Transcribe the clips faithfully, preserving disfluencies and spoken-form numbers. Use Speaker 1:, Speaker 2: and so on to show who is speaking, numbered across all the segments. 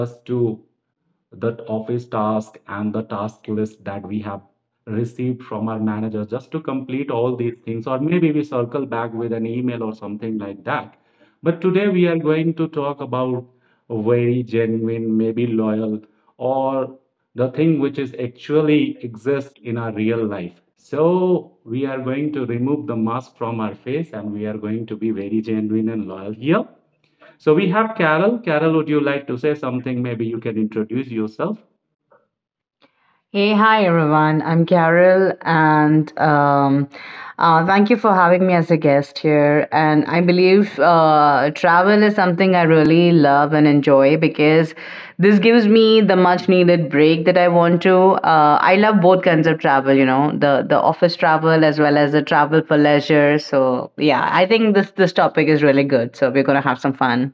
Speaker 1: just to that office task and the task list that we have received from our manager just to complete all these things, or maybe we circle back with an email or something like that. But today we are going to talk about very genuine, maybe loyal, or the thing which is actually exists in our real life. So we are going to remove the mask from our face and we are going to be very genuine and loyal here. So we have Carol. Carol, would you like to say something? Maybe you can introduce yourself.
Speaker 2: Hey, hi everyone. I'm Carol, and um, uh, thank you for having me as a guest here. And I believe uh, travel is something I really love and enjoy because this gives me the much needed break that I want to. Uh, I love both kinds of travel, you know, the the office travel as well as the travel for leisure. So yeah, I think this this topic is really good. So we're gonna have some fun.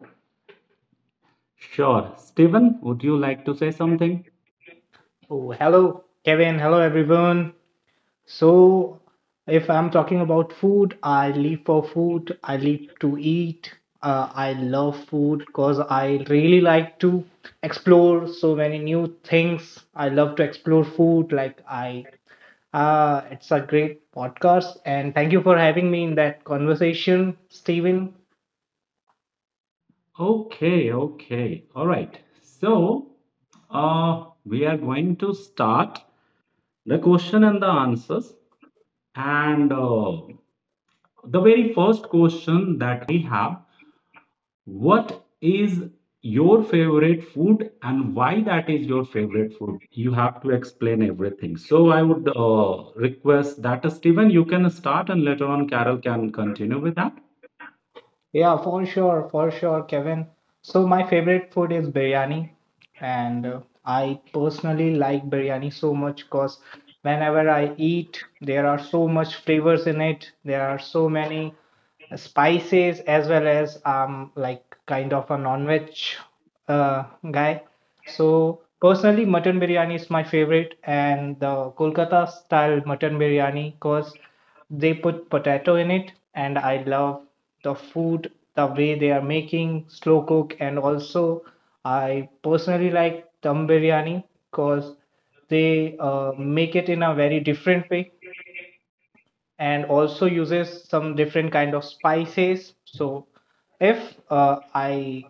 Speaker 1: Sure. Stephen, would you like to say something?
Speaker 3: Oh, hello, Kevin. Hello, everyone. So, if I'm talking about food, I live for food. I live to eat. Uh, I love food because I really like to explore so many new things. I love to explore food. Like I, uh, it's a great podcast, and thank you for having me in that conversation, Steven.
Speaker 1: Okay, okay. All right. So uh, we are going to start the question and the answers. And uh, the very first question that I have, what is your favorite food and why that is your favorite food? You have to explain everything. So I would uh, request that uh, Steven, you can start and later on Carol can continue with that.
Speaker 3: Yeah, for sure, for sure, Kevin. So my favorite food is biryani, and uh, I personally like biryani so much because whenever I eat, there are so much flavors in it. There are so many spices. As well as um like kind of a non-veg uh, guy. So personally, mutton biryani is my favorite, and the Kolkata style mutton biryani, because they put potato in it, and I love the food, the way they are making slow cook. And also I personally like dum biryani because they uh, make it in a very different way and also uses some different kind of spices. So if uh, I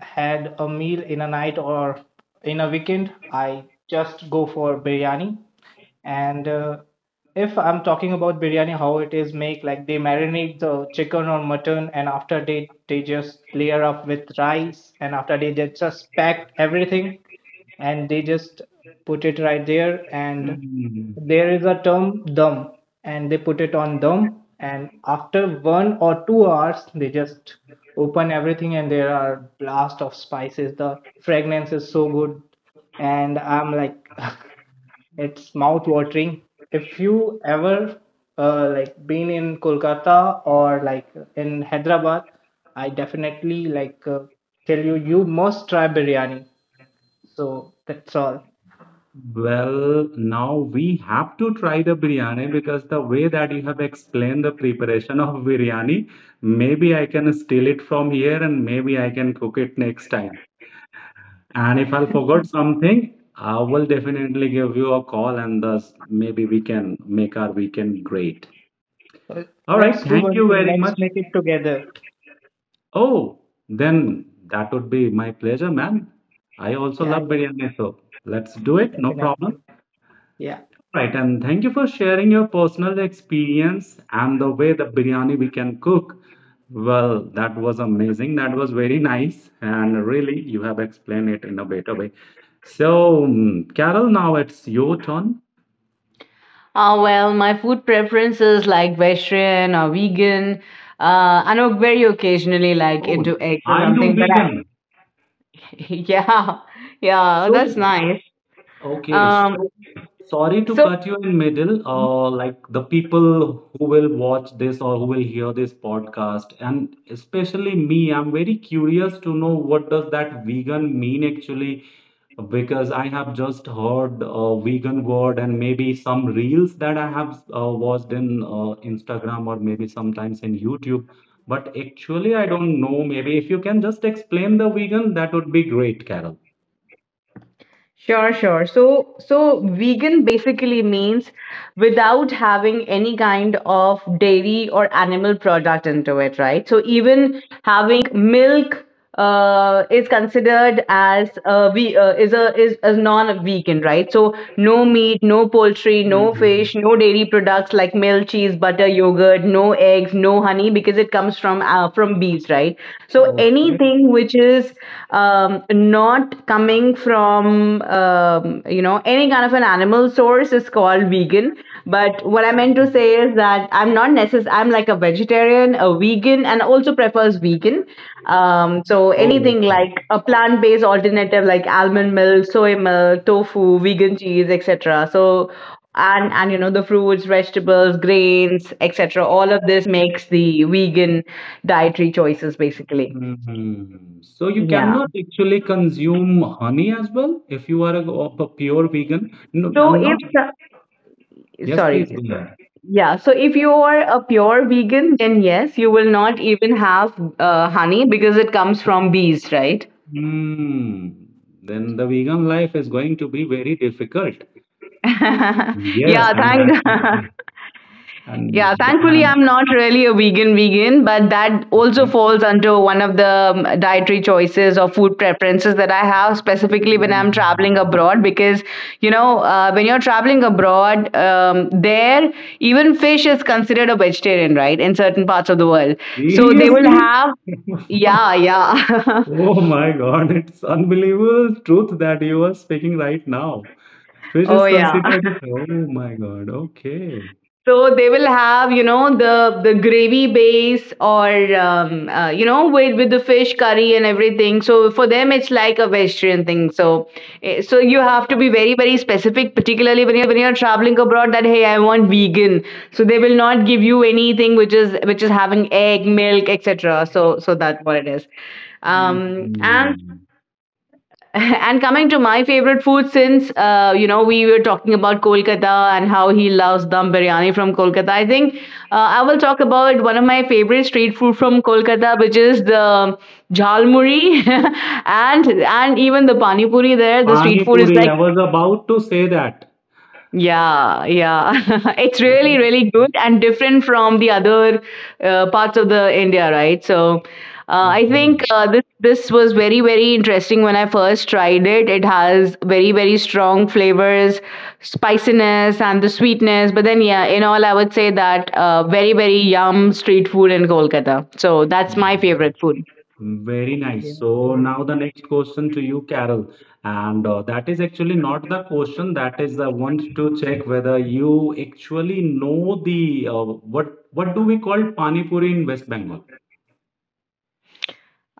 Speaker 3: had a meal in a night or in a weekend, I just go for biryani. And uh, if I'm talking about biryani, how it is made, like they marinate the chicken or mutton, and after, they they just layer up with rice, and after, they, they just pack everything, and they just put it right there. And
Speaker 1: Hmm.
Speaker 3: there is a term dum, and they put it on dum, and after one or two hours, they just open everything, and there are blast of spices. The fragrance is so good, and I'm like. It's mouth-watering. If you ever uh, like been in Kolkata or like in Hyderabad, I definitely like uh, tell you, you must try biryani. So that's all.
Speaker 1: Well, now we have to try the biryani because the way that you have explained the preparation of biryani, maybe I can steal it from here and maybe I can cook it next time. And if I forgot something, I will definitely give you a call and thus maybe we can make our weekend great.
Speaker 3: Uh,
Speaker 1: All right,
Speaker 3: Let's do
Speaker 1: thank
Speaker 3: one
Speaker 1: you
Speaker 3: thing.
Speaker 1: very
Speaker 3: Let's
Speaker 1: much.
Speaker 3: make it together.
Speaker 1: Oh, then that would be my pleasure, man. I also
Speaker 3: Yeah,
Speaker 1: love
Speaker 3: yeah,
Speaker 1: biryani, so let's do it, no
Speaker 3: definitely.
Speaker 1: problem.
Speaker 3: Yeah.
Speaker 1: Right, and thank you for sharing your personal experience and the way the biryani we can cook. Well, that was amazing. That was very nice, and really, you have explained it in a better way. So, mm, Carol, now it's your turn.
Speaker 2: Uh, well, my food preferences like vegetarian or vegan. Uh, I know very occasionally like
Speaker 1: Oh,
Speaker 2: into eggs or
Speaker 1: are you
Speaker 2: something, but I,
Speaker 1: vegan?
Speaker 2: yeah, yeah,
Speaker 1: So,
Speaker 2: that's nice.
Speaker 1: okay,
Speaker 2: Um,
Speaker 1: so sorry to
Speaker 2: so
Speaker 1: cut you in middle. Uh, like the people who will watch this or who will hear this podcast, and especially me, I'm very curious to know what does that vegan mean actually, because I have just heard uh, vegan word and maybe some reels that I have uh, watched in uh, Instagram or maybe sometimes in YouTube. But actually, I don't know. Maybe if you can just explain the vegan, that would be great, Carol.
Speaker 2: sure, sure. So, so vegan basically means without having any kind of dairy or animal product into it, right? So even having milk uh, is considered as a we uh, is a is a non-vegan, right? So no meat, no poultry, no
Speaker 1: Mhm.
Speaker 2: fish, no dairy products like milk, cheese, butter, yogurt, no eggs, no honey because it comes from uh, from bees, right? So
Speaker 1: Okay.
Speaker 2: anything which is um, not coming from um, you know any kind of an animal source is called vegan. But what I meant to say is that I'm not necessarily I'm like a vegetarian, a vegan, and also prefers vegan um, so
Speaker 1: Oh,
Speaker 2: anything
Speaker 1: okay.
Speaker 2: like a plant-based alternative like almond milk, soy milk, tofu, vegan cheese, et cetera. So and and you know the fruits, vegetables, grains, et cetera. All of this makes the vegan dietary choices basically.
Speaker 1: Mhm. So you
Speaker 2: Yeah.
Speaker 1: cannot actually consume honey as well if you are a, of a pure vegan. No,
Speaker 2: So
Speaker 1: I'm
Speaker 2: if
Speaker 1: not. Yes, please
Speaker 2: sorry,
Speaker 1: go ahead.
Speaker 2: yeah. So if you are a pure vegan, then yes, you will not even have uh, honey because it comes from bees, right?
Speaker 1: Hmm. Then the vegan life is going to be very difficult. Yes,
Speaker 2: Yeah.
Speaker 1: and
Speaker 2: Thank.
Speaker 1: that and
Speaker 2: Yeah,
Speaker 1: th-
Speaker 2: thankfully I'm
Speaker 1: and
Speaker 2: not really a vegan vegan, but that also
Speaker 1: yeah.
Speaker 2: falls under one of the um, dietary choices or food preferences that I have specifically when I'm traveling
Speaker 1: Mm.
Speaker 2: abroad because you know uh, when you're traveling abroad um, there even fish is considered a vegetarian, right? In certain parts of the world. So they will
Speaker 1: Seriously?
Speaker 2: have yeah, yeah.
Speaker 1: Oh my God, it's unbelievable truth that you are speaking right now. Fish
Speaker 2: Oh
Speaker 1: is
Speaker 2: yeah.
Speaker 1: considered. Oh my God. Okay.
Speaker 2: So they will have, you know, the the gravy base or um, uh, you know with with the fish curry and everything. So for them, it's like a vegetarian thing. So eh, so you have to be very very specific, particularly when you're traveling abroad. That hey, I want vegan. So they will not give you anything which is which is having egg, milk, et cetera. So so that's what it is. Um, and
Speaker 1: Mm.
Speaker 2: and coming to my favorite food since uh, you know we were talking about Kolkata and how he loves dum biryani from Kolkata, I think uh, I will talk about one of my favorite street food from Kolkata, which is the jhalmuri. and and even the pani puri there, the
Speaker 1: Pani
Speaker 2: street food is
Speaker 1: puri. I was
Speaker 2: like
Speaker 1: about to say that.
Speaker 2: yeah, yeah. It's really,
Speaker 1: Okay.
Speaker 2: really good and different from the other uh, parts of the India, right? So, uh, I
Speaker 1: Okay.
Speaker 2: think uh, this this was very, very interesting when I first tried it. It has very, very strong flavors, spiciness, and the sweetness. But then, yeah, in all, I would say that uh, very, very yum street food in Kolkata. So that's my favorite
Speaker 1: Mm.
Speaker 2: food.
Speaker 1: Very
Speaker 3: Okay.
Speaker 1: nice. So
Speaker 3: Okay.
Speaker 1: now the next question to you, Carol, and uh, that is actually not the question. That is the one to check whether you actually know the uh, what what do we call pani puri in West Bengal?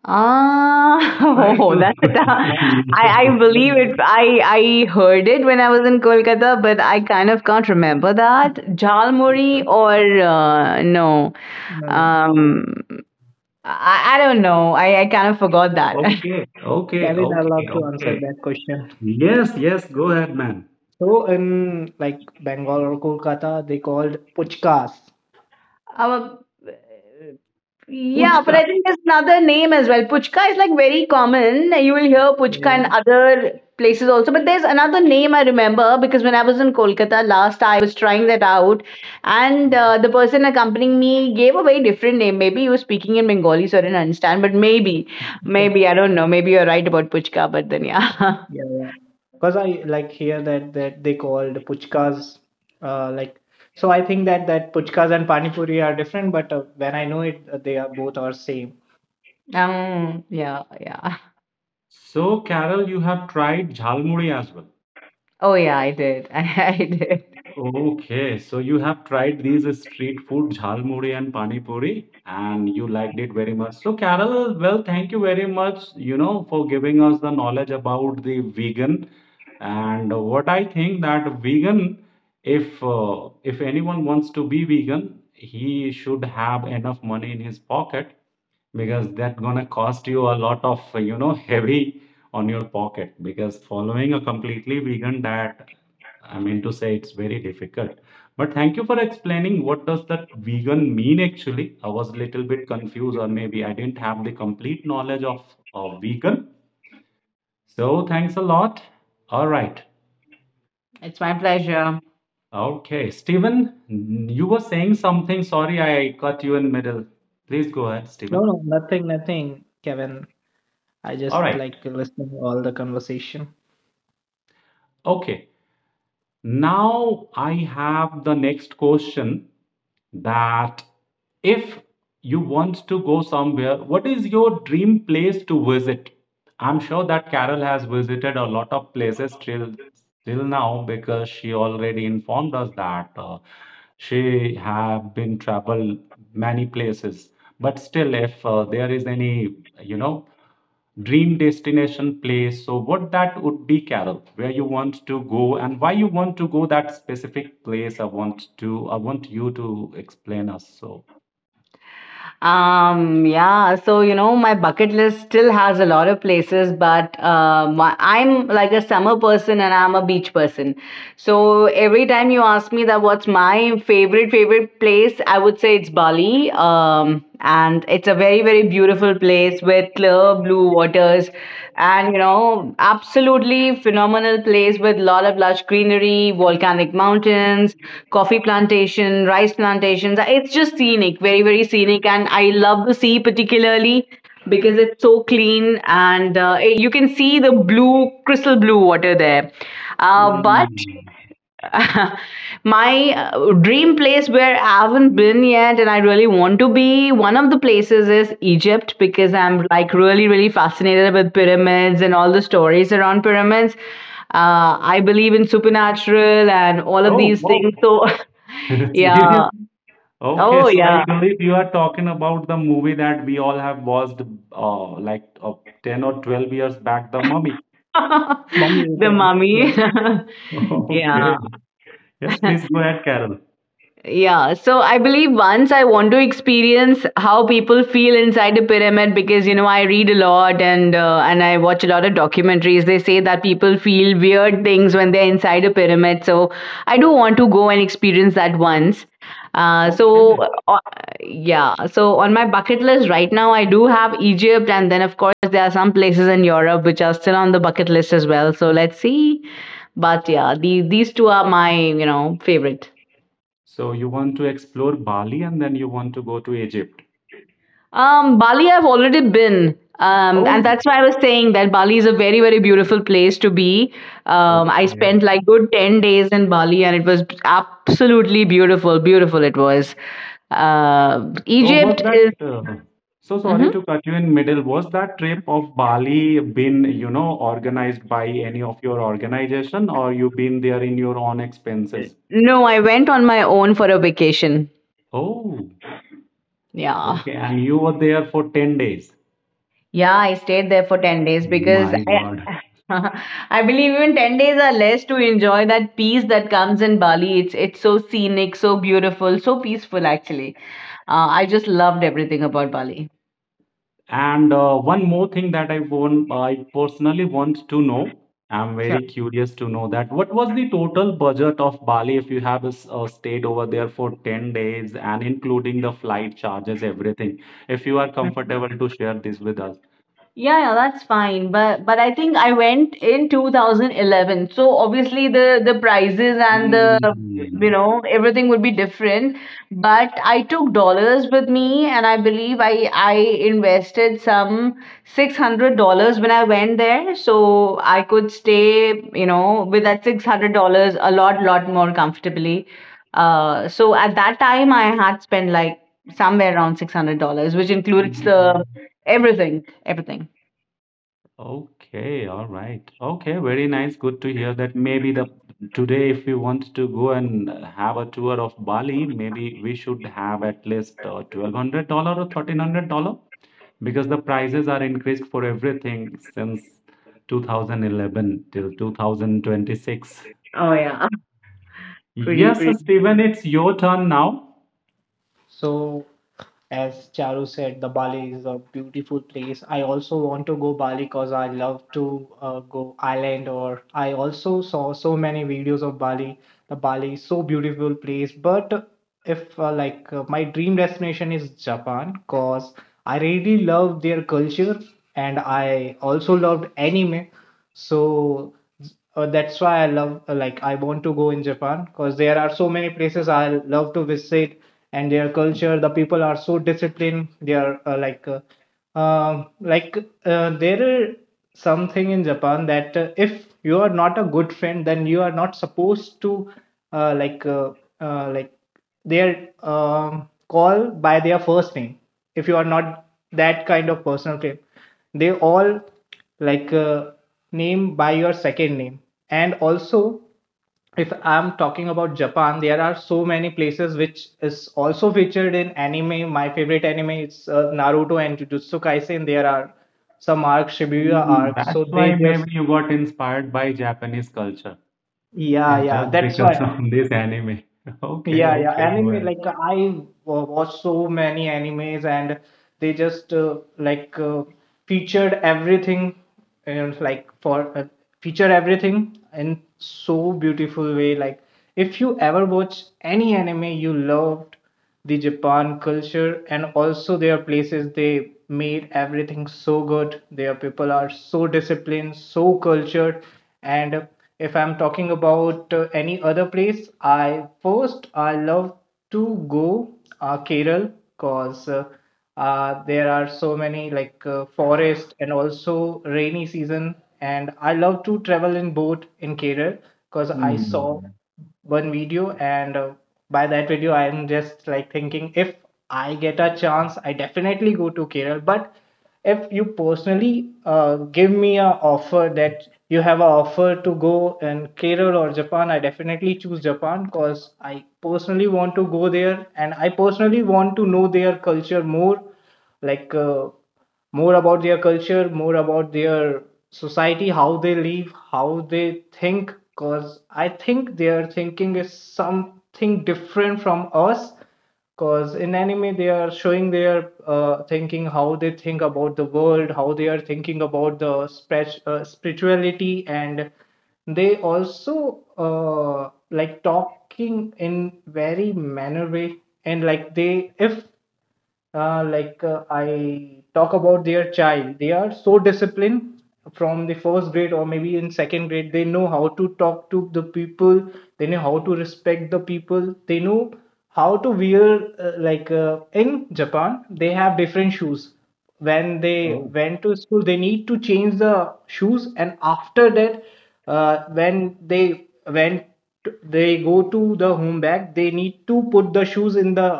Speaker 2: Ah,
Speaker 1: Try
Speaker 2: oh,
Speaker 1: to.
Speaker 2: that's it.
Speaker 3: I, I
Speaker 2: I, I believe
Speaker 3: know it.
Speaker 2: it. I, I heard it when I was in Kolkata, but I kind of can't remember that. Jhalmuri or uh, no.
Speaker 3: No, no.
Speaker 2: Um, I, I don't know. I, I kind of forgot that.
Speaker 1: Okay. Okay.
Speaker 3: Kevin, I
Speaker 1: Okay.
Speaker 3: love to answer
Speaker 1: Okay.
Speaker 3: that question.
Speaker 1: Yes. Yes. Go ahead, man.
Speaker 3: So in like Bengal or Kolkata, they called puchkas.
Speaker 2: Um, Yeah, but
Speaker 1: Puchka.
Speaker 2: I think there's another name as well. Puchka is like very common. You will hear puchka
Speaker 3: Yeah.
Speaker 2: in other places also. But there's another name I remember because when I was in Kolkata last, I, I was trying that out. And uh, the person accompanying me gave a very different name. Maybe he was speaking in Bengali, so I didn't understand. But maybe, maybe, I don't know. Maybe you're right about puchka, but then yeah.
Speaker 3: Yeah, yeah. Because I like hear that that they called puchkas, uh, like. So I think that that puchkas and pani puri are different, but uh, when I know it, uh, they are both are same.
Speaker 2: um, yeah, yeah.
Speaker 1: So, Carol, you have tried jhalmuri as well.
Speaker 2: Oh, yeah, I did. I, I did.
Speaker 1: Okay, so you have tried these street food, jhalmuri and pani puri, and you liked it very much. So, Carol, well, thank you very much, you know, for giving us the knowledge about the vegan. And what I think that vegan, if uh, if anyone wants to be vegan, he should have enough money in his pocket, because that gonna cost you a lot of, uh, you know, heavy on your pocket, because following a completely vegan diet, I mean to say, it's very difficult. But thank you for explaining what does that vegan mean actually. I was a little bit confused, or maybe I didn't have the complete knowledge of, of vegan, so thanks a lot. All right.
Speaker 2: It's my pleasure.
Speaker 1: Okay, Stephen, you were saying something. Sorry I cut you in middle, please go ahead,
Speaker 3: No,
Speaker 1: Stephen.
Speaker 3: no, nothing, nothing, Kevin. I
Speaker 1: All
Speaker 3: just
Speaker 1: right.
Speaker 3: like listening all the conversation.
Speaker 1: Okay. Now I have the next question that if you want to go somewhere, what is your dream place to visit? I'm sure that Carol has visited a lot of places till till now, because she already informed us that uh, she have been travel many places. But still, if uh, there is any, you know, dream destination place, so what that would be, Carol, where you want to go and why you want to go that specific place? I want to I want you to explain us. So.
Speaker 2: Um, yeah, so you know, my bucket list still has a lot of places, but uh, my, I'm like a summer person and I'm a beach person. So every time you ask me that what's my favorite favorite place, I would say it's Bali. Um, and it's a very very beautiful place with clear blue waters and you know absolutely phenomenal place with lot of lush greenery, volcanic mountains, coffee plantation, rice plantations. It's just scenic, very very scenic, and I love the sea particularly because it's so clean and uh, you can see the blue crystal blue water there. Uh, but
Speaker 1: Mm.
Speaker 2: my uh, dream place where I haven't been yet and I really want to be, one of the places is Egypt because I'm like really, really fascinated with pyramids and all the stories around pyramids. Uh, I believe in supernatural and all of
Speaker 1: Oh,
Speaker 2: these
Speaker 1: wow.
Speaker 2: things. So,
Speaker 1: Serious?
Speaker 2: yeah.
Speaker 1: Okay,
Speaker 2: Oh,
Speaker 1: so I
Speaker 2: yeah.
Speaker 1: believe you are talking about the movie that we all have watched uh, like uh, ten or twelve years back, The Mummy.
Speaker 3: Mommy
Speaker 2: the
Speaker 3: returns.
Speaker 2: mummy.
Speaker 3: Yes.
Speaker 2: yeah.
Speaker 1: Okay. Yes, please go ahead, Carol.
Speaker 2: Yeah, so I believe once I want to experience how people feel inside the pyramid because you know I read a lot and uh, and I watch a lot of documentaries. They say that people feel weird things when they're inside a pyramid. So I do want to go and experience that once. Uh, so
Speaker 1: Okay.
Speaker 2: uh, yeah, so on my bucket list right now I do have Egypt and then of course there are some places in Europe which are still on the bucket list as well. So let's see. But yeah, the, these two are my, you know, favorite.
Speaker 1: So you want to explore Bali and then you want to go to Egypt.
Speaker 2: Um, Bali, I've already been. Um,
Speaker 1: Oh,
Speaker 2: and that's why I was saying that Bali is a very, very beautiful place to be. Um, I
Speaker 1: okay.
Speaker 2: spent like good ten days in Bali and it was absolutely beautiful. Beautiful it was. Uh,
Speaker 1: So was
Speaker 2: Egypt
Speaker 1: that,
Speaker 2: is.
Speaker 1: uh, so sorry
Speaker 2: Mhm.
Speaker 1: to cut you in middle, was that trip of Bali been, you know, organized by any of your organization or you been there in your own expenses?
Speaker 2: No, I went on my own for a vacation.
Speaker 1: Oh,
Speaker 2: Yeah.
Speaker 1: okay. And you were there for ten days.
Speaker 2: Yeah, I stayed there for ten days because
Speaker 1: My God.
Speaker 2: I, I believe even ten days are less to enjoy that peace that comes in Bali. It's, it's so scenic, so beautiful, so peaceful actually. Uh, I just loved everything about Bali.
Speaker 1: And uh, one more thing that I want, I personally want to know. I'm
Speaker 2: Sure.
Speaker 1: very curious to know that what was the total budget of Bali if you have a, s- uh, stayed over there for ten days and including the flight charges, everything. If you are
Speaker 2: Mhm.
Speaker 1: comfortable to share this with us.
Speaker 2: Yeah, yeah, that's fine. But but I think I went in twenty eleven. So obviously the the prices and the you
Speaker 1: Hmm.
Speaker 2: know everything would be different. But I took dollars with me, and I believe I I invested some six hundred dollars when I went there. So I could stay you know with that six hundred dollars a lot lot more comfortably. Uh, so at that time I had spent like somewhere around six hundred dollars, which includes the everything everything
Speaker 1: Okay, all right. Okay, very nice. Good to hear that. Maybe the today, if we want to go and uh, have a tour of Bali, maybe we should have at least uh, twelve hundred dollars or thirteen hundred dollars, because the prices are increased for everything since two thousand eleven till two thousand twenty-six.
Speaker 2: Oh yeah, pretty
Speaker 1: Yes,
Speaker 2: pretty.
Speaker 1: Stephen, it's your turn now.
Speaker 3: So as Charu said, the Bali is a beautiful place. I also want to go Bali because I love to uh, go island, or I also saw so many videos of Bali. The Bali is so beautiful place. But if uh, like uh, my dream destination is Japan because I really love their culture and I also loved anime. So uh, that's why I love uh, like I want to go in Japan because there are so many places I love to visit and their culture. The people are so disciplined. They are uh, like uh, um, like uh, there is something in Japan that uh, if you are not a good friend, then you are not supposed to uh, like uh, uh, like they are um, called by their first name. If you are not that kind of personal trainer, they all like uh, name by your second name. And also if I'm talking about Japan, there are so many places which is also featured in anime. My favorite anime is uh, Naruto and Jujutsu Kaisen. There are some arcs, Shibuya
Speaker 1: Mm.
Speaker 3: arcs,
Speaker 1: That's
Speaker 3: so they
Speaker 1: why maybe
Speaker 3: just,
Speaker 1: you got inspired by Japanese culture.
Speaker 3: yeah,
Speaker 1: It's
Speaker 3: yeah,
Speaker 1: just
Speaker 3: that's
Speaker 1: because
Speaker 3: why.
Speaker 1: of this anime. Okay,
Speaker 3: Yeah, yeah.
Speaker 1: okay, go.
Speaker 3: Anime, like I wa- watched so many animes and they just uh, like uh, featured everything, and like for uh, feature everything in so beautiful way. Like if you ever watch any anime, you loved the Japan culture and also their places. They made everything so good. Their people are so disciplined, so cultured. And if I'm talking about uh, any other place, I first I love to go uh, Kerala because uh, uh, there are so many like uh, forest and also rainy season. And I love to travel in boat in Kerala because I saw
Speaker 1: Hmm.
Speaker 3: one video, and uh, by that video, I'm just like thinking if I get a chance, I definitely go to Kerala. But if you personally uh, give me a offer that you have an offer to go in Kerala or Japan, I definitely choose Japan because I personally want to go there and I personally want to know their culture more, like uh, more about their culture, more about their society, how they live, how they think. Because I think their thinking is something different from us. Because in anime, they are showing their uh, thinking, how they think about the world, how they are thinking about the spre- uh, spirituality. And they also uh, like talking in very manner way. And like they, if uh, like uh, I talk about their child, they are so disciplined from the first grade or maybe in second grade. They know how to talk to the people, they know how to respect the people, they know how to wear. Uh, like uh, in Japan, they have different shoes. When they
Speaker 1: Oh.
Speaker 3: went to school, they need to change the shoes, and after that, uh, when they went they go to the home bag, they need to put the shoes in the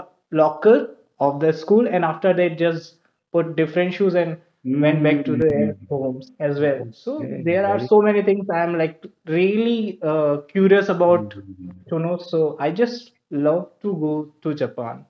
Speaker 3: locker of the school, and after, they just put different shoes and went
Speaker 1: Hmm.
Speaker 3: back to their homes as well. So
Speaker 1: Okay.
Speaker 3: there are
Speaker 1: Very.
Speaker 3: so many things I'm like really uh, curious about
Speaker 1: Mm.
Speaker 3: to know. So I just love to go to Japan.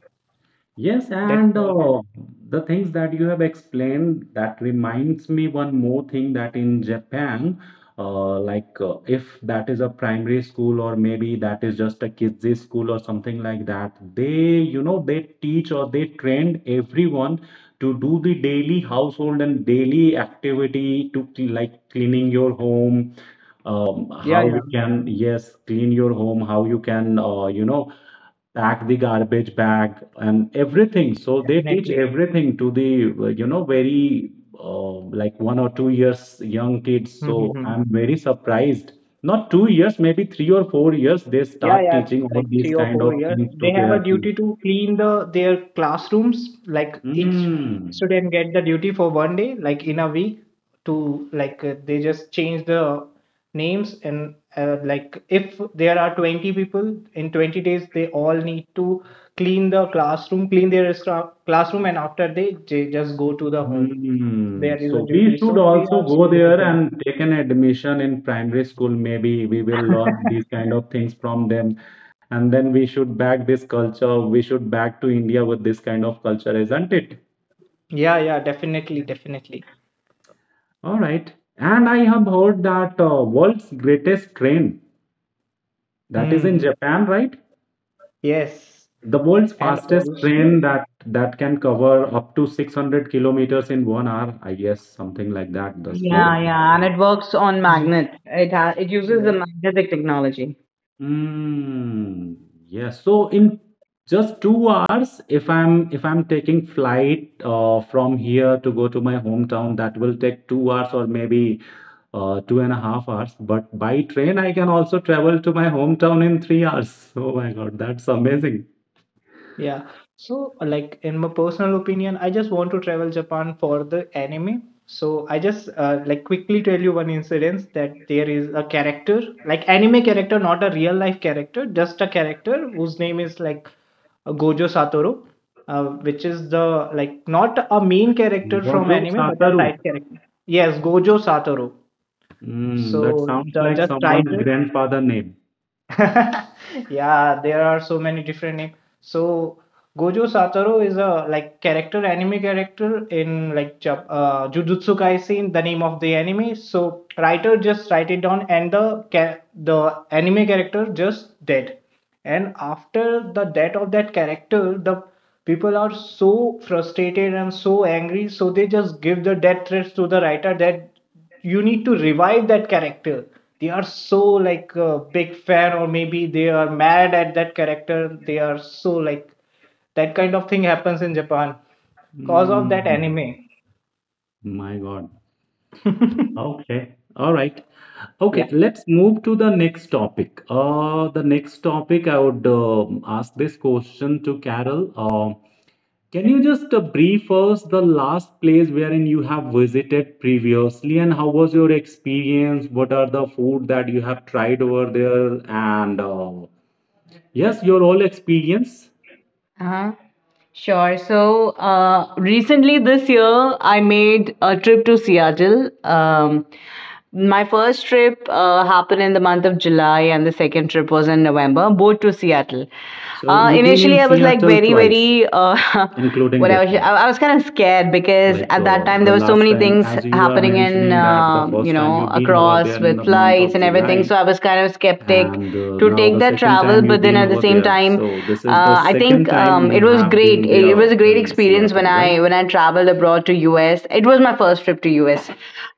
Speaker 1: Yes,
Speaker 3: That's
Speaker 1: and
Speaker 3: all.
Speaker 1: uh, the things that you have explained, that reminds me one more thing that in Japan, uh, like, uh, if that is a primary school or maybe that is just a kids' school or something like that, they, you know, they teach or they train everyone to do the daily household and daily activity to cl- like cleaning your home, um,
Speaker 3: Yeah,
Speaker 1: how
Speaker 3: yeah,
Speaker 1: you can, yes, clean your home, how you can, uh, you know, pack the garbage bag and everything. So they teach
Speaker 3: definitely.
Speaker 1: everything to the, uh, you know, very, uh, like, one or two years young kids. So I'm very surprised. Not two years, maybe three or four years, they
Speaker 3: Yeah,
Speaker 1: start
Speaker 3: yeah,
Speaker 1: teaching all
Speaker 3: like
Speaker 1: these
Speaker 3: three or
Speaker 1: kind
Speaker 3: four
Speaker 1: of
Speaker 3: years.
Speaker 1: things to
Speaker 3: They have
Speaker 1: their
Speaker 3: a
Speaker 1: kids.
Speaker 3: duty to clean the their classrooms. Like each
Speaker 1: Hmm.
Speaker 3: student get the duty for one day, like in a week, to like uh, they just change the names. And uh, like if there are twenty people in twenty days, they all need to clean the classroom, clean their stra- classroom, and after, they, they just go to the home.
Speaker 1: Hmm.
Speaker 3: There is a
Speaker 1: So we
Speaker 3: duty,
Speaker 1: should
Speaker 3: so they
Speaker 1: also
Speaker 3: are
Speaker 1: go
Speaker 3: so
Speaker 1: there
Speaker 3: disciplined.
Speaker 1: and take an admission in primary school. Maybe we will learn these kind of things from them. And then we should back this culture. We should back to India with this kind of culture, isn't it?
Speaker 3: Yeah, yeah, definitely, definitely.
Speaker 1: All right. And I have heard that uh, world's greatest train that is in
Speaker 3: Hmm.
Speaker 1: Japan, right?
Speaker 3: Yes.
Speaker 1: The world's
Speaker 3: And
Speaker 1: fastest
Speaker 3: also
Speaker 1: train that that can cover up to six hundred kilometers in one hour, I guess, something like that, the speed
Speaker 3: so
Speaker 2: Yeah,
Speaker 1: of
Speaker 2: yeah,
Speaker 1: that.
Speaker 2: and it works on magnets.
Speaker 3: mm,
Speaker 2: It ha it uses
Speaker 3: yeah,
Speaker 2: the magnetic technology.
Speaker 1: Mm, yes. So in just two hours, if I'm if I'm taking flight uh, from here to go to my hometown, that will take two hours or maybe uh, two and a half hours. But by train, I can also travel to my hometown in three hours. Oh my God, that's amazing.
Speaker 3: yeah. So like in my personal opinion, I just want to travel Japan for the anime. So I just uh, like quickly tell you one incident, that there is a character, like anime character, not a real life character, just a character whose name is like uh, Gojo Satoru, uh, which is the like not a main character from
Speaker 1: Warjo
Speaker 3: anime but a
Speaker 1: Sataru.
Speaker 3: side character. Yes, Gojo Satoru.
Speaker 1: Mm, that
Speaker 3: So
Speaker 1: sounds
Speaker 3: the
Speaker 1: like
Speaker 3: just
Speaker 1: someone's
Speaker 3: writer.
Speaker 1: grandfather name.
Speaker 3: Yeah, there are so many different names. So Gojo Satoru is a like character, anime character in like Jap- uh, Jujutsu Kaisen, the name of the anime. So writer just write it down, and the ca- the anime character just dead. And after the death of that character, the people are so frustrated and so angry, so they just give the death threats to the writer that you need to revive that character. They are so like a big fan, or maybe they are mad at that character. They are so like that kind of thing happens in Japan cause of that
Speaker 1: Mm,
Speaker 3: anime.
Speaker 1: my God. Okay. All right.
Speaker 3: Yeah.
Speaker 1: Okay, let's move to the next topic. Uh, the next topic, I would um ask this question to Carol. Um can you just uh, brief us the last place wherein you have visited previously, and how was your experience? What are the food that you have tried over there, and, uh, yes, your whole experience.
Speaker 2: Uh-huh. Sure. So uh, recently this year, I made a trip to Seattle. Um, my first trip uh, happened in the month of July, and the second trip was in November, both to Seattle.
Speaker 1: So
Speaker 2: Uh,
Speaker 1: you've been in
Speaker 2: initially, I was like
Speaker 1: Seattle
Speaker 2: very,
Speaker 1: twice,
Speaker 2: very. Uh,
Speaker 1: including
Speaker 2: what I
Speaker 1: this
Speaker 2: was, I
Speaker 1: one.
Speaker 2: I was kind of scared because
Speaker 1: Like,
Speaker 2: at that
Speaker 1: uh,
Speaker 2: time
Speaker 1: the
Speaker 2: there were so
Speaker 1: last
Speaker 2: many
Speaker 1: time,
Speaker 2: things
Speaker 1: as you are
Speaker 2: happening in,
Speaker 1: mentioning that the
Speaker 2: um, you
Speaker 1: first time
Speaker 2: know,
Speaker 1: you've been over there
Speaker 2: across
Speaker 1: in
Speaker 2: with
Speaker 1: the month of
Speaker 2: flights and everything.
Speaker 1: July.
Speaker 2: So I was kind of skeptic
Speaker 1: And uh,
Speaker 2: to
Speaker 1: now the
Speaker 2: take that
Speaker 1: second
Speaker 2: travel
Speaker 1: time you've
Speaker 2: but then
Speaker 1: been
Speaker 2: at the
Speaker 1: over
Speaker 2: same
Speaker 1: there.
Speaker 2: time
Speaker 1: So this is the
Speaker 2: uh, I
Speaker 1: second
Speaker 2: think
Speaker 1: time
Speaker 2: um,
Speaker 1: you
Speaker 2: it was
Speaker 1: have
Speaker 2: great
Speaker 1: been
Speaker 2: it, it
Speaker 1: there
Speaker 2: was a great
Speaker 1: in
Speaker 2: experience when
Speaker 1: Seattle,
Speaker 2: i
Speaker 1: right?
Speaker 2: when i traveled abroad to US. It was my first trip to US.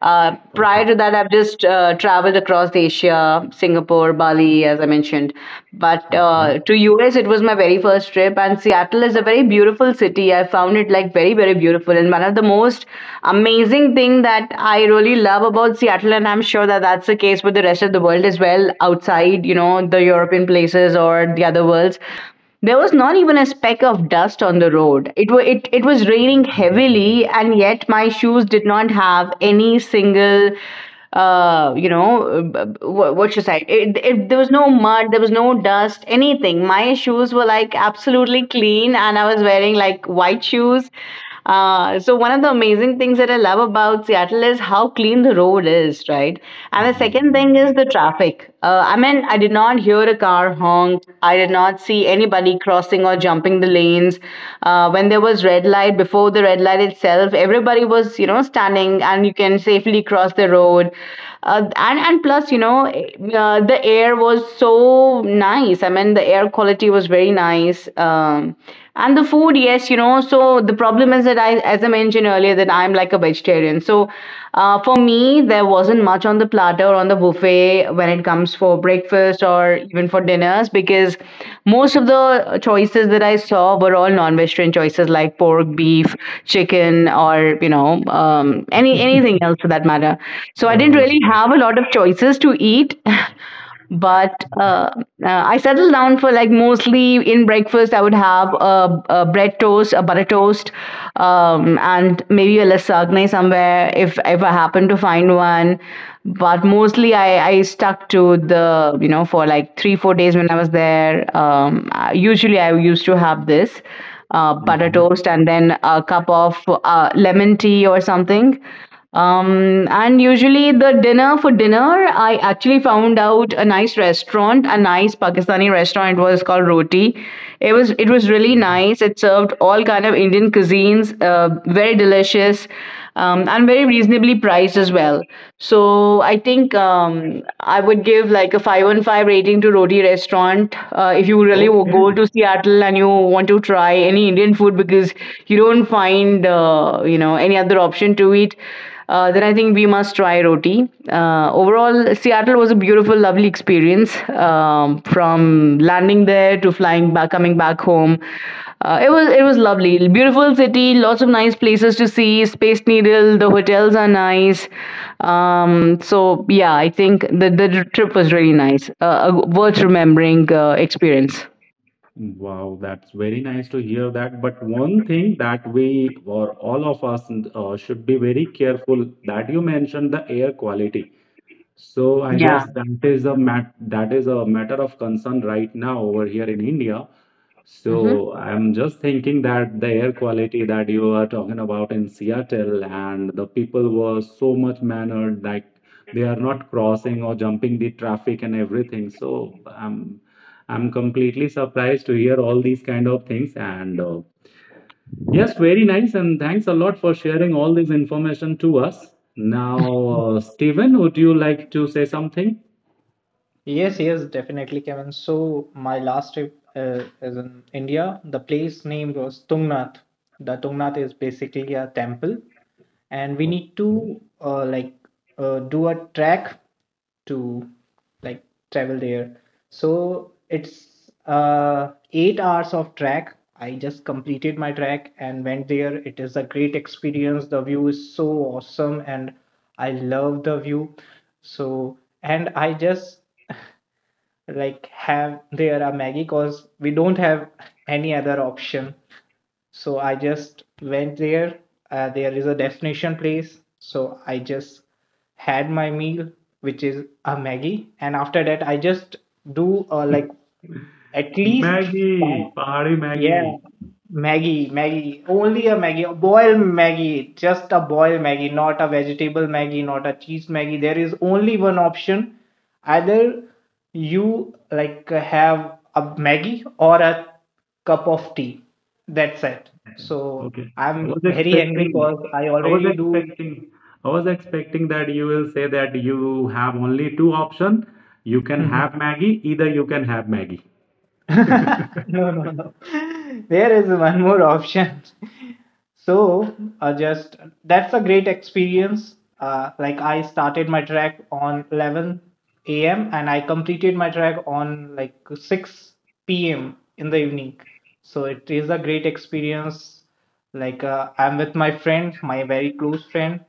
Speaker 2: uh, Prior
Speaker 1: Okay.
Speaker 2: to that I've just uh, traveled across Asia, Singapore, Bali, as I mentioned, but
Speaker 1: Okay.
Speaker 2: uh, to US it was my very first trip and Seattle is a very beautiful city. I found it like very very beautiful and one of the most amazing thing that I really love about about Seattle, and I'm sure that that's the case with the rest of the world as well, outside, you know, the European places or the other worlds. There was not even a speck of dust on the road. It, wa it, it was raining heavily, and yet my shoes did not have any single uh, you know, b- what should I? It, it, there was no mud, there was no dust, anything. My shoes were like absolutely clean, and I was wearing like white shoes. Uh, so one of the amazing things that I love about Seattle is how clean the road is, right? And the second thing is the traffic. Uh, I mean, I did not hear a car honk. I did not not see anybody crossing or jumping the lanes. Uh, when there was red light, before the red light itself, everybody was, you know, standing and you can safely cross the road. Uh, and, and plus, you know, eh, uh, the air was so nice. I mean, the air quality was very nice. Um, and the food, yes, you know, so the problem is that I, as I mentioned earlier, say that I'm like a vegetarian. So uh, for me, there wasn't much on the platter or on the buffet when it comes for breakfast or even for dinners because most of the choices that I saw were all non-vegetarian choices like pork, beef, chicken, or you know um, any anything else for that matter. So I didn't
Speaker 1: Oh,
Speaker 2: really have a lot of choices to eat. but uh, uh, I settled down for like mostly in breakfast I would have a, a bread toast, a butter toast, um, and maybe a lasagne somewhere if if I happen to find one. But mostly I, I stuck to the you know for like three four days when I was there. Um, I- usually I used to have this uh, butter
Speaker 1: mhm.
Speaker 2: toast and then a cup of uh, lemon tea or something um, and usually the dinner for dinner, I actually found out a nice restaurant, a nice Pakistani restaurant. It was called Roti. It was it was really nice. It served all kind of Indian cuisines, uh, very delicious, um, and very reasonably priced as well. So I think um, I would give like a five on five rating to Roti restaurant. Uh, if you really
Speaker 1: Okay.
Speaker 2: go to Seattle and you want to try any Indian food because you don't find uh, you know any other option to eat uh, then I think we must try Roti. Uh, overall, Seattle was a beautiful, lovely experience. Um, from landing there to flying back, coming back home, uh, it was it was lovely. Beautiful city, lots of nice places to see. Space Needle, the hotels are nice. Um, so yeah, I think the the trip was really nice. Uh, a worth remembering uh, experience.
Speaker 1: Wow, that's very nice to hear that. But one thing that we, or all of us, uh, should be very careful, that you mentioned the air quality. So I
Speaker 2: Yeah.
Speaker 1: guess that is a mat that is a matter of concern right now over here in India.
Speaker 2: Hmm.
Speaker 1: So I'm just thinking that the air quality that you are talking about in Seattle, and the people were so much mannered, like they are not crossing or jumping the traffic and everything. So I'm I'm completely surprised to hear all these kind of things, and, uh, yes, very nice, and thanks a lot for sharing all this information to us. Now, uh, Stephen, would you like to say something?
Speaker 3: Yes, yes, definitely, Kevin. So my last trip uh, is in India. The place name was Tungnath. The Tungnath is basically a temple, and we need to
Speaker 1: Okay.
Speaker 3: uh, like uh, do a track to like travel there. So it's uh, eight hours of track. I just completed my track and went there. It is a great experience. The view is so awesome, and I love the view. So, and I just like have there a Maggie, because we don't have any other option. So I just went there. Uh, there is a destination place. So I just had my meal, which is a Maggie. And after that, I just do uh, like at least five,
Speaker 1: Maggie, Pahari
Speaker 3: yeah,
Speaker 1: Maggie.
Speaker 3: Maggie, Maggie, only a Maggie, a boiled Maggie, just a boiled Maggie, not a vegetable Maggie, not a cheese Maggie. There is only one option. Either you like have a Maggie or a cup of tea. That's it. So
Speaker 1: Okay, I
Speaker 3: I'm
Speaker 1: was
Speaker 3: very angry
Speaker 1: expecting,
Speaker 3: because I
Speaker 1: I was
Speaker 3: already do.
Speaker 1: expecting, I was expecting that you will say that you have only two options. You can have Maggie, either you can have Maggie.
Speaker 3: No, no, no. There is one more option. So, uh, just that's a great experience. Uh, like I started my track on eleven a m and I completed my track on like six p m in the evening. So it is a great experience. Like uh, I'm with my friend, my very close friend.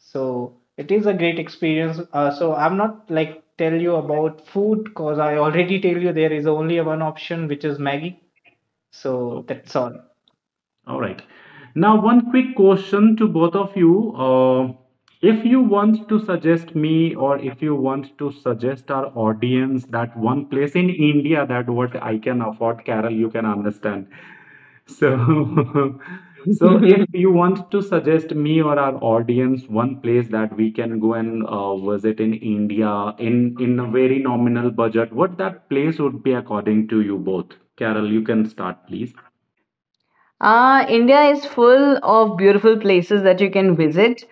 Speaker 3: So it is a great experience. Uh, so I'm not like tell you about food because I already tell you there is only one option, which is Maggie. So that's all.
Speaker 1: All right. Now, one quick question to both of you. Uh, if you want to suggest me, or if you want to suggest our audience, that one place in India that what I can afford, Carol, you can understand. So, so if you want to suggest me or our audience one place that we can go and uh, visit in India in in a very nominal budget, what that place would be according to you both? Carol, you can start, please.
Speaker 2: Uh, India is full of beautiful places that you can visit.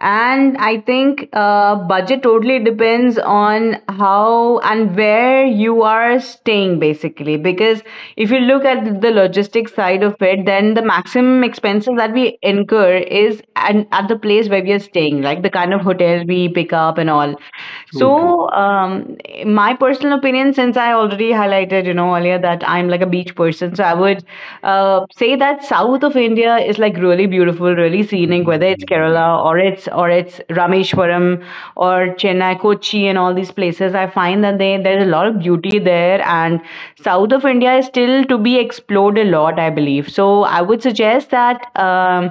Speaker 2: And I think uh, budget totally depends on how and where you are staying, basically. Because if you look at the logistics side of it, then the maximum expenses that we incur is an, at the place where we are staying, like the kind of hotel we pick up and all.
Speaker 1: True, true.
Speaker 2: So, um, in my personal opinion, since I already highlighted, you know, earlier that I'm like a beach person, so I would uh, say that south of India is like really beautiful, really
Speaker 1: Mm,
Speaker 2: scenic. Whether it's
Speaker 1: mm,
Speaker 2: Kerala or it's or it's Rameshwaram or Chennai, Kochi, and all these places, I find that they there's a lot of beauty there, and south of India is still to be explored a lot, I believe. So I would suggest that. Um,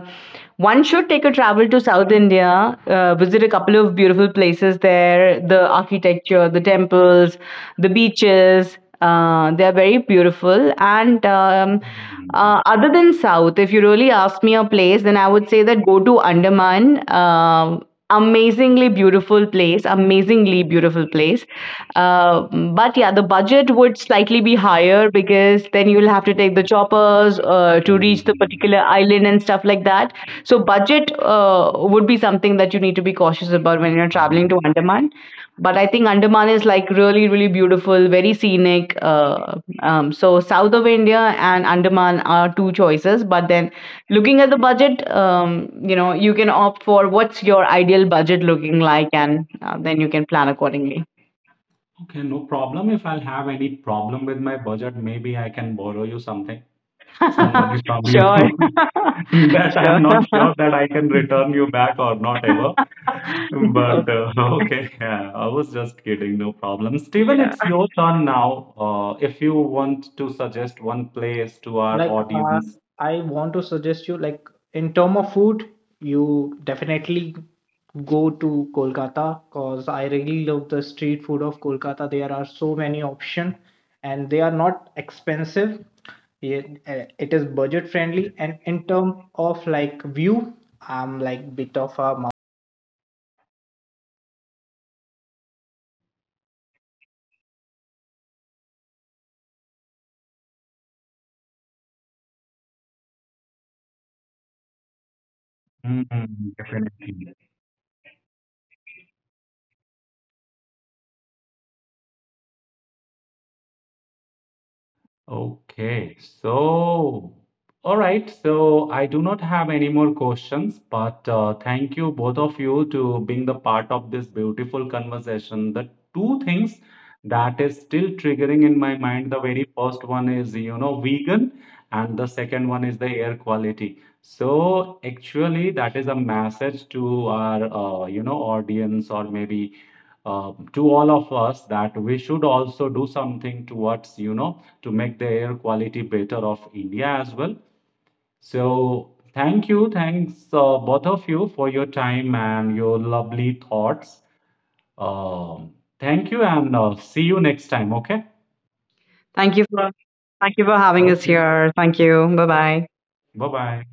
Speaker 2: One should take a travel to South India, uh, visit a couple of beautiful places there, the architecture, the temples, the beaches. Uh, they are very beautiful. And um,
Speaker 1: mm.
Speaker 2: uh, other than South, if you really ask me a place, then I would say that go to Andaman. Um amazingly beautiful place, amazingly beautiful place. Uh, but yeah, the budget would slightly be higher because then you'll have to take the choppers uh, to reach the particular island and stuff like that. So budget uh, would be something that you need to be cautious about when you're
Speaker 1: Um,
Speaker 2: traveling to Andaman. But I think Andaman is like really, really beautiful, very scenic. Uh, um, so south of India and Andaman are two choices, but then looking at the budget, um, you know, you can opt for what's your ideal budget looking like, and uh, then you can plan accordingly.
Speaker 1: okay, no problem. If I'll have any problem with my budget, maybe I can borrow you something, some money from you,
Speaker 2: Sure.
Speaker 1: that I'm
Speaker 2: Sure.
Speaker 1: not sure that I can return you back or not ever. But
Speaker 2: Okay.
Speaker 1: uh, okay, yeah, I was just kidding, no problem. Steven,
Speaker 2: Yeah.
Speaker 1: it's your turn now. Uh, if you want to suggest one place to our
Speaker 3: Like uh,
Speaker 1: audience.
Speaker 3: I want to suggest you, like in term of food, you definitely go to Kolkata because I really love the street food of Kolkata. There are so many option and they are not expensive. It, uh, it is budget friendly. And in term of like view, I'm like bit of a
Speaker 1: Mm, definitely. Okay, so all right, so I do not have any more questions, but uh, thank you both of you to being the part of this beautiful conversation. The two things that is still triggering in my mind, the very first one is, you know, vegan, and the second one is the air quality. So actually, that is a message to our, uh, you know, audience, or maybe uh, to all of us, that we should also do something towards, you know, to make the air quality better of India as well. So, thank you. Thanks, uh, both of you, for your time and your lovely thoughts. Um, thank you, and uh, see you next time. Okay.
Speaker 2: Thank you for Thank you for having us
Speaker 1: Okay.
Speaker 2: here. Thank you. Bye bye.
Speaker 1: Bye bye.